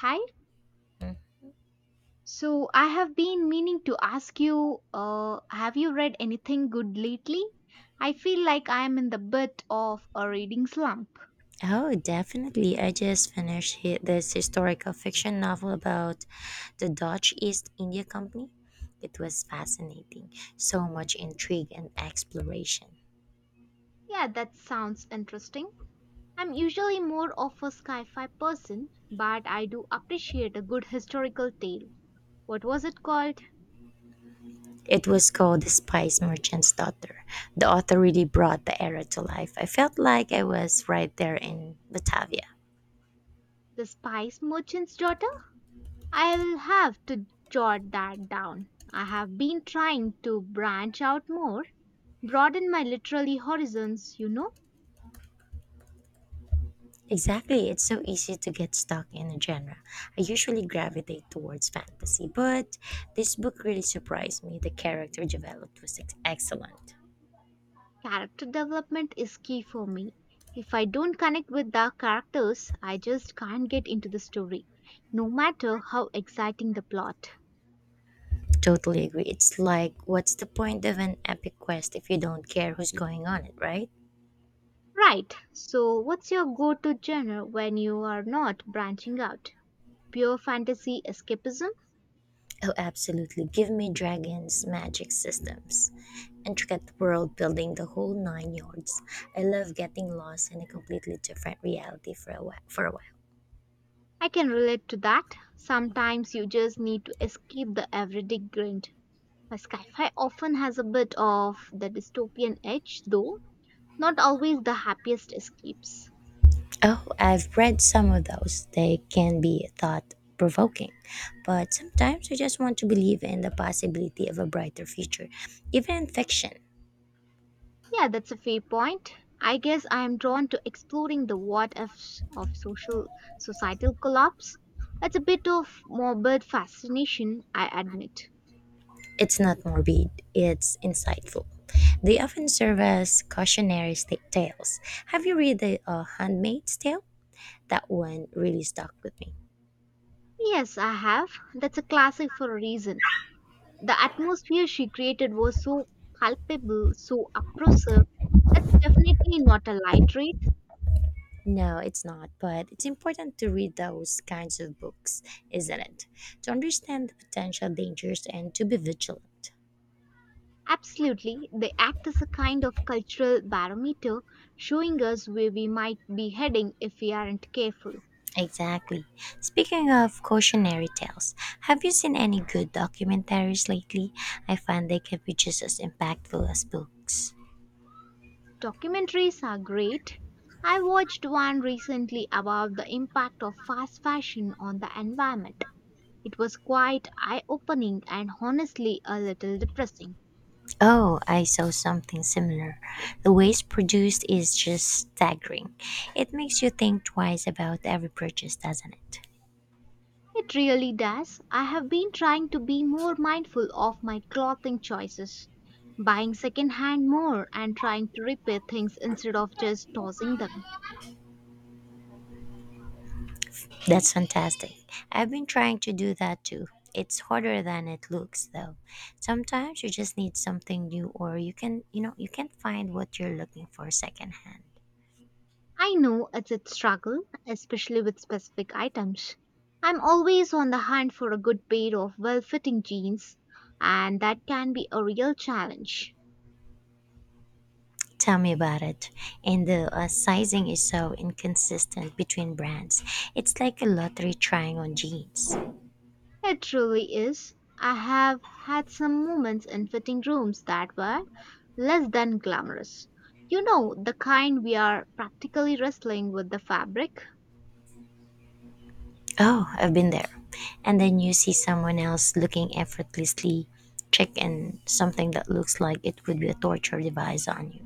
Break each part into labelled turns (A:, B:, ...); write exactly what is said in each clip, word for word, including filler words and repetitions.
A: Hi. So I have been meaning to ask you, uh, have you read anything good lately? I feel like I am in the bit of a reading slump.
B: Oh, definitely. I just finished hi- this historical fiction novel about the Dutch East India Company. It was fascinating. So much intrigue and exploration.
A: Yeah, that sounds interesting. I'm usually more of a sci-fi person, but I do appreciate a good historical tale. What was it called?
B: It was called The Spice Merchant's Daughter. The author really brought the era to life. I felt like I was right there in Batavia.
A: The Spice Merchant's Daughter? I'll have to jot that down. I have been trying to branch out more, broaden my literary horizons, you know.
B: Exactly. It's so easy to get stuck in a genre. I usually gravitate towards fantasy, but this book really surprised me. The character developed was ex- excellent.
A: Character development is key for me. If I don't connect with the characters, I just can't get into the story, no matter how exciting the plot.
B: Totally agree. It's like, what's the point of an epic quest if you don't care who's going on it, right?
A: Right, so what's your go to genre when you are not branching out? Pure fantasy escapism?
B: Oh, absolutely. Give me dragons, magic systems, intricate world building, the whole nine yards. I love getting lost in a completely different reality for a while. For a while.
A: I can relate to that. Sometimes you just need to escape the everyday grind. But sci-fi often has a bit of the dystopian edge, though not always the happiest escapes.
B: Oh, I've read some of those. They can be thought provoking, but sometimes I just want to believe in the possibility of a brighter future, even in fiction.
A: Yeah, that's a fair point. I guess I am drawn to exploring the what ifs of social societal collapse. It's a bit of morbid fascination, I admit.
B: It's not morbid, it's insightful. They often serve as cautionary sta- tales. Have you read The uh, Handmaid's Tale? That one really stuck with me.
A: Yes, I have. That's a classic for a reason. The atmosphere she created was so palpable, so oppressive. It's definitely not a light read.
B: No, it's not, but it's important to read those kinds of books, isn't it? To understand the potential dangers and to be vigilant.
A: Absolutely, they act as a kind of cultural barometer, showing us where we might be heading if we aren't careful.
B: Exactly. Speaking of cautionary tales, have you seen any good documentaries lately? I find they can be just as impactful as books.
A: Documentaries are great. I watched one recently about the impact of fast fashion on the environment. It was quite eye opening and honestly a little depressing.
B: Oh, I saw something similar. The waste produced is just staggering. It makes you think twice about every purchase, doesn't it?
A: It really does. I have been trying to be more mindful of my clothing choices, buying secondhand more, and trying to repair things instead of just tossing them.
B: That's fantastic. I've been trying to do that too. It's harder than it looks though. Sometimes you just need something new or you can, you know, you can't find what you're looking for secondhand.
A: I know it's a struggle, especially with specific items. I'm always on the hunt for a good pair of well fitting jeans, and that can be a real challenge.
B: Tell me about it. And the uh, sizing is so inconsistent between brands. It's like a lottery trying on jeans.
A: It truly is. I have had some moments in fitting rooms that were less than glamorous. You know, the kind we are practically wrestling with the fabric.
B: Oh, I've been there. And then you see someone else looking effortlessly chic in something that looks like it would be a torture device on you.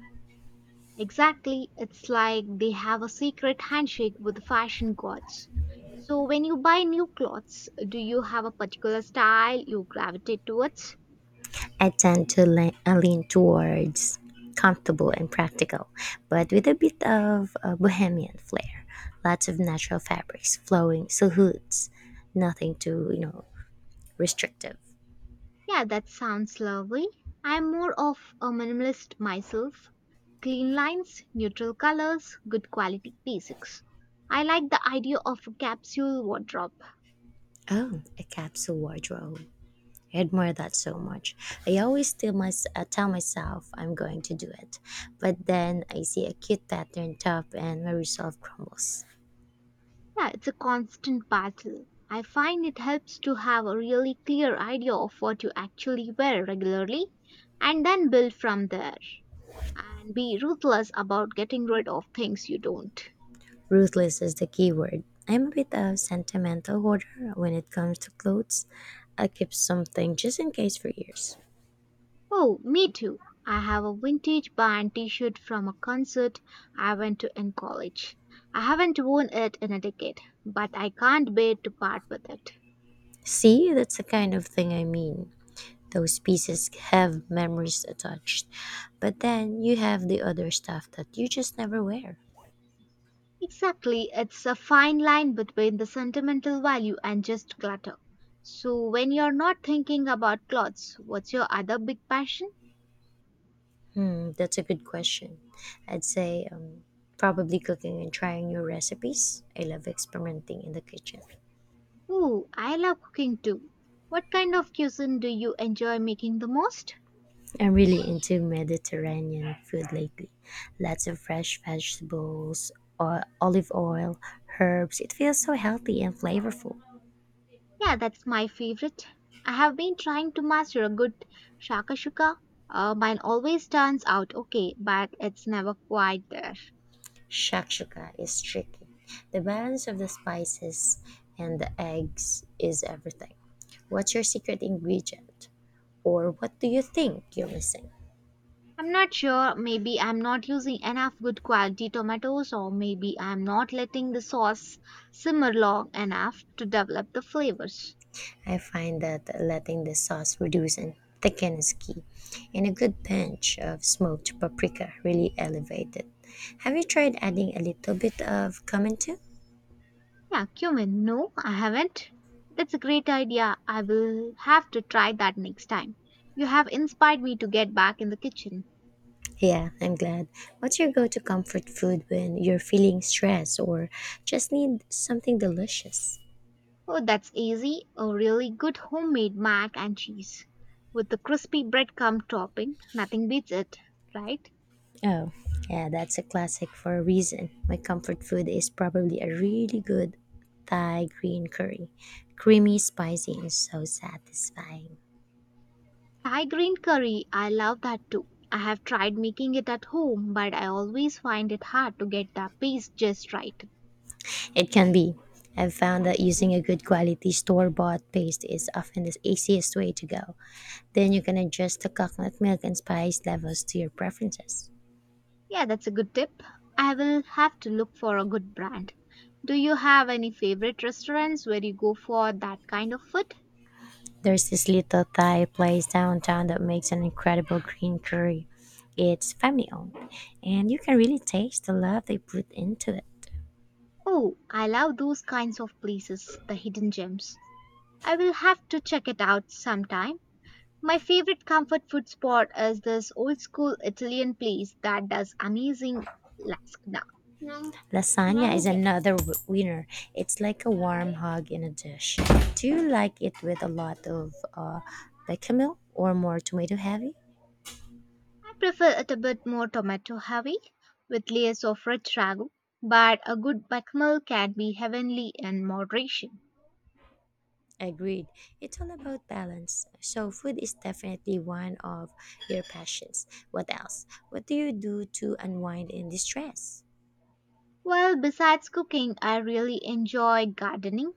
A: Exactly. It's like they have a secret handshake with the fashion gods. So, when you buy new clothes, do you have a particular style you gravitate towards?
B: I tend to le- uh, lean towards comfortable and practical, but with a bit of a bohemian flair. Lots of natural fabrics, flowing silhouettes, nothing too, you know, restrictive.
A: Yeah, that sounds lovely. I'm more of a minimalist myself. Clean lines, neutral colors, good quality basics. I like the idea of a capsule wardrobe.
B: Oh, a capsule wardrobe. I admire that so much. I always tell, my, uh, tell myself I'm going to do it, but then I see a cute pattern top and my resolve crumbles.
A: Yeah, it's a constant battle. I find it helps to have a really clear idea of what you actually wear regularly and then build from there. And be ruthless about getting rid of things you don't.
B: Ruthless is the key word. I'm a bit of sentimental hoarder when it comes to clothes. I keep something just in case for years.
A: Oh, me too. I have a vintage band t shirt from a concert I went to in college. I haven't worn it in a decade, but I can't bear to part with it.
B: See, that's the kind of thing I mean. Those pieces have memories attached, but then you have the other stuff that you just never wear.
A: Exactly, it's a fine line between the sentimental value and just clutter. So, when you're not thinking about clothes, what's your other big passion?
B: Hmm, that's a good question. I'd say um, probably cooking and trying new recipes. I love experimenting in the kitchen.
A: Ooh, I love cooking too. What kind of cuisine do you enjoy making the most?
B: I'm really into Mediterranean food lately. Lots of fresh vegetables, or olive oil, herbs. It feels so healthy and flavorful.
A: Yeah, that's my favorite. I have been trying to master a good shakashuka. Uh, mine always turns out okay, but it's never quite there.
B: Shakshuka is tricky. The balance of the spices and the eggs is everything. What's your secret ingredient? Or what do you think you're missing?
A: I'm not sure. Maybe I'm not using enough good quality tomatoes, or maybe I'm not letting the sauce simmer long enough to develop the flavors.
B: I find that letting the sauce reduce and thicken is key, and a good pinch of smoked paprika really elevates it. Have you tried adding a little bit of cumin too?
A: Yeah, cumin. No, I haven't. That's a great idea. I will have to try that next time. You have inspired me to get back in the kitchen.
B: Yeah, I'm glad. What's your go to comfort food when you're feeling stressed or just need something delicious?
A: Oh, that's easy. A really good homemade mac and cheese with the crispy breadcrumb topping. Nothing beats it, right?
B: Oh, yeah, that's a classic for a reason. My comfort food is probably a really good Thai green curry. Creamy, spicy, and so satisfying.
A: Thai green curry, I love that too. I have tried making it at home, but I always find it hard to get the paste just right.
B: It can be. I've found that using a good quality store bought paste is often the easiest way to go. Then you can adjust the coconut milk and spice levels to your preferences.
A: Yeah, that's a good tip. I will have to look for a good brand. Do you have any favorite restaurants where you go for that kind of food?
B: There's this little Thai place downtown that makes an incredible green curry. It's family owned, and you can really taste the love they put into it.
A: Oh, I love those kinds of places, the hidden gems. I will have to check it out sometime. My favorite comfort food spot is this old school Italian place that does amazing lasagna.
B: Lasagna is another w- winner. It's like a warm hug in a dish. Do you like it with a lot of uh, bechamel or more tomato heavy?
A: I prefer it a bit more tomato heavy with layers of rich ragu, but a good bechamel can be heavenly in moderation.
B: Agreed. It's all about balance. So food is definitely one of your passions. What else? What do you do to unwind and distress?
A: Well, besides cooking, I really enjoy gardening.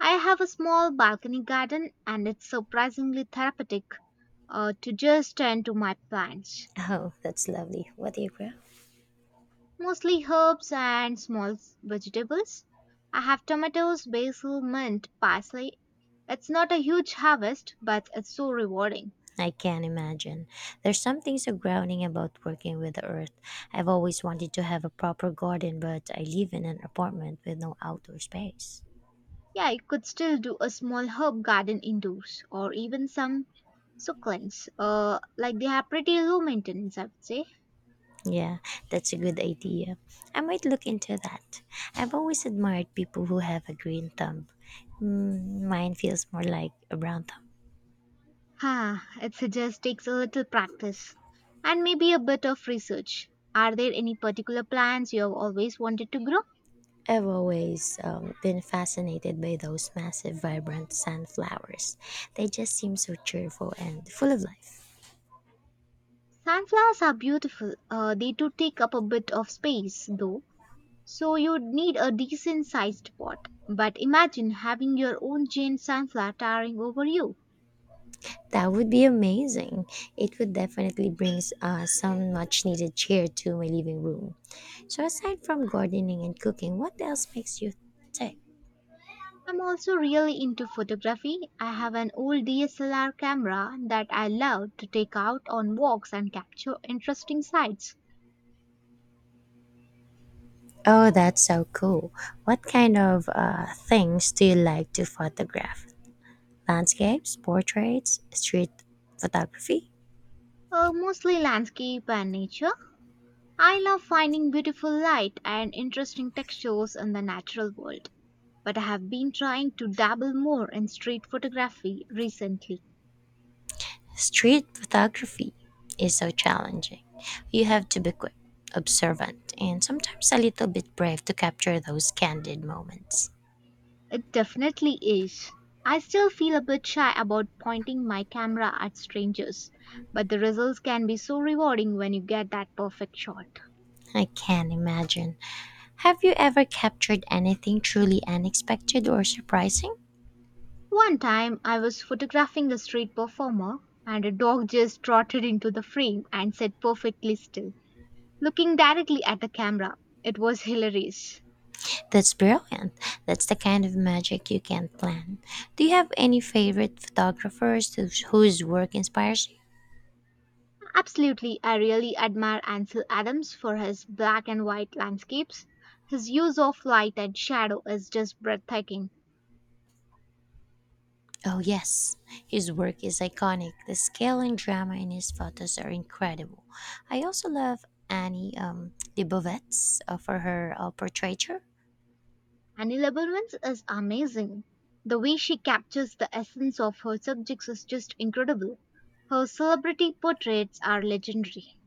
A: I have a small balcony garden and it's surprisingly therapeutic uh, to just tend to my plants,
B: Oh, that's lovely. What do you grow?
A: mostly herbs and small s- vegetables. I have tomatoes, basil, mint, parsley. It's not a huge harvest, but it's so rewarding.
B: I can imagine. There's something so grounding about working with the earth. I've always wanted to have a proper garden, but I live in an apartment with no outdoor space.
A: Yeah, you could still do a small herb garden indoors or even some succulents. Uh, like they are pretty low maintenance, I would say.
B: Yeah, that's a good idea. I might look into that. I've always admired people who have a green thumb. Mm, mine feels more like a brown thumb.
A: Ha, it just takes a little practice and maybe a bit of research. Are there any particular plants you have always wanted to grow?
B: I've always um, been fascinated by those massive, vibrant sunflowers. They just seem so cheerful and full of life.
A: Sunflowers are beautiful. Uh, they do take up a bit of space though, so you'd need a decent sized pot. But imagine having your own giant sunflower towering over you.
B: That would be amazing. It would definitely bring uh, some much needed cheer to my living room. So, aside from gardening and cooking, what else makes you tick?
A: I'm also really into photography. I have an old D S L R camera that I love to take out on walks and capture interesting sights,
B: Oh, that's so cool. What kind of uh, things do you like to photograph? Landscapes, portraits, street photography?
A: uh, mostly landscape and nature. I love finding beautiful light and interesting textures in the natural world, but I have been trying to dabble more in street photography recently.
B: Street photography is so challenging. You have to be quick, observant, and sometimes a little bit brave to capture those candid moments.
A: It definitely is. I still feel a bit shy about pointing my camera at strangers, but the results can be so rewarding when you get that perfect shot.
B: I can imagine. Have you ever captured anything truly unexpected or surprising?
A: One time I was photographing a street performer and a dog just trotted into the frame and sat perfectly still, looking directly at the camera. It was hilarious.
B: That's brilliant. That's the kind of magic you can't plan. Do you have any favorite photographers whose, whose work inspires you?
A: Absolutely, I really admire Ansel Adams for his black and white landscapes. His use of light and shadow is just breathtaking,
B: Oh, yes. His work is iconic. The scale and drama in his photos are incredible. I also love Annie um, Leibovitz uh, for her uh, portraiture.
A: and Elements is amazing. The way she captures the essence of her subjects is just incredible. Her celebrity portraits are legendary.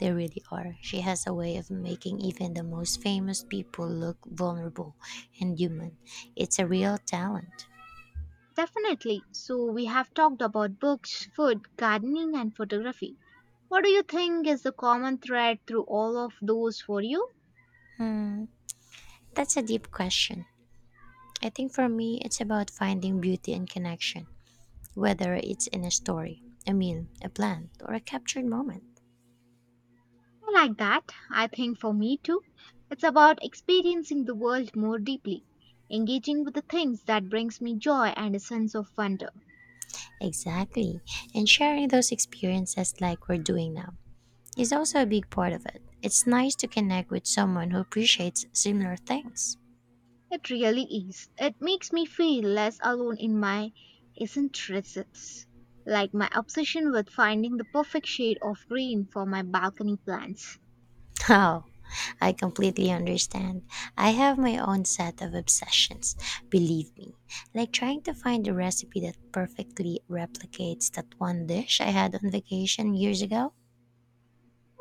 B: They really are. She has a way of making even the most famous people look vulnerable and human. It's a real talent.
A: Definitely. So, we have talked about books, food, gardening, and photography. What do you think is the common thread through all of those for you?
B: Hmm, that's a deep question. I think for me, it's about finding beauty and connection, whether it's in a story, a meal, a plant, or a captured moment.
A: I like that. I think for me too. It's about experiencing the world more deeply, engaging with the things that brings me joy and a sense of wonder.
B: Exactly. And sharing those experiences like we're doing now is also a big part of it. It's nice to connect with someone who appreciates similar things.
A: It really is. It makes me feel less alone in my eccentricities, like my obsession with finding the perfect shade of green for my balcony plants.
B: Oh, I completely understand. I have my own set of obsessions, believe me. Like trying to find a recipe that perfectly replicates that one dish I had on vacation years ago.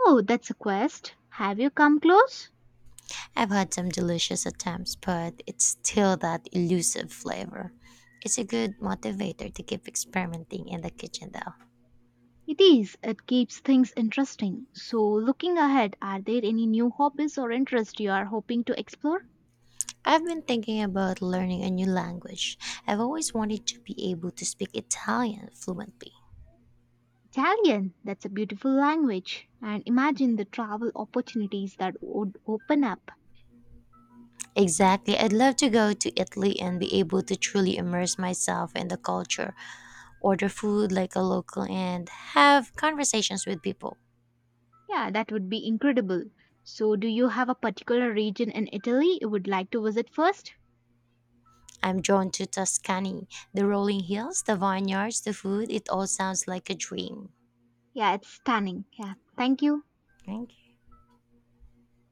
A: Oh, that's a quest. Have you come close?
B: I've had some delicious attempts, but it's still that elusive flavor. It's a good motivator to keep experimenting in the kitchen, though.
A: It is. It keeps things interesting. So, looking ahead, are there any new hobbies or interests you are hoping to explore?
B: I've been thinking about learning a new language. I've always wanted to be able to speak Italian fluently.
A: Italian, that's a beautiful language. And imagine the travel opportunities that would open up.
B: Exactly. I'd love to go to Italy and be able to truly immerse myself in the culture, order food like a local, and have conversations with people.
A: Yeah, that would be incredible. So, do you have a particular region in Italy you would like to visit first?
B: I'm drawn to Tuscany, the rolling hills, the vineyards, the food. It all sounds like a dream.
A: Yeah, it's stunning. Yeah, thank you.
B: Thank you.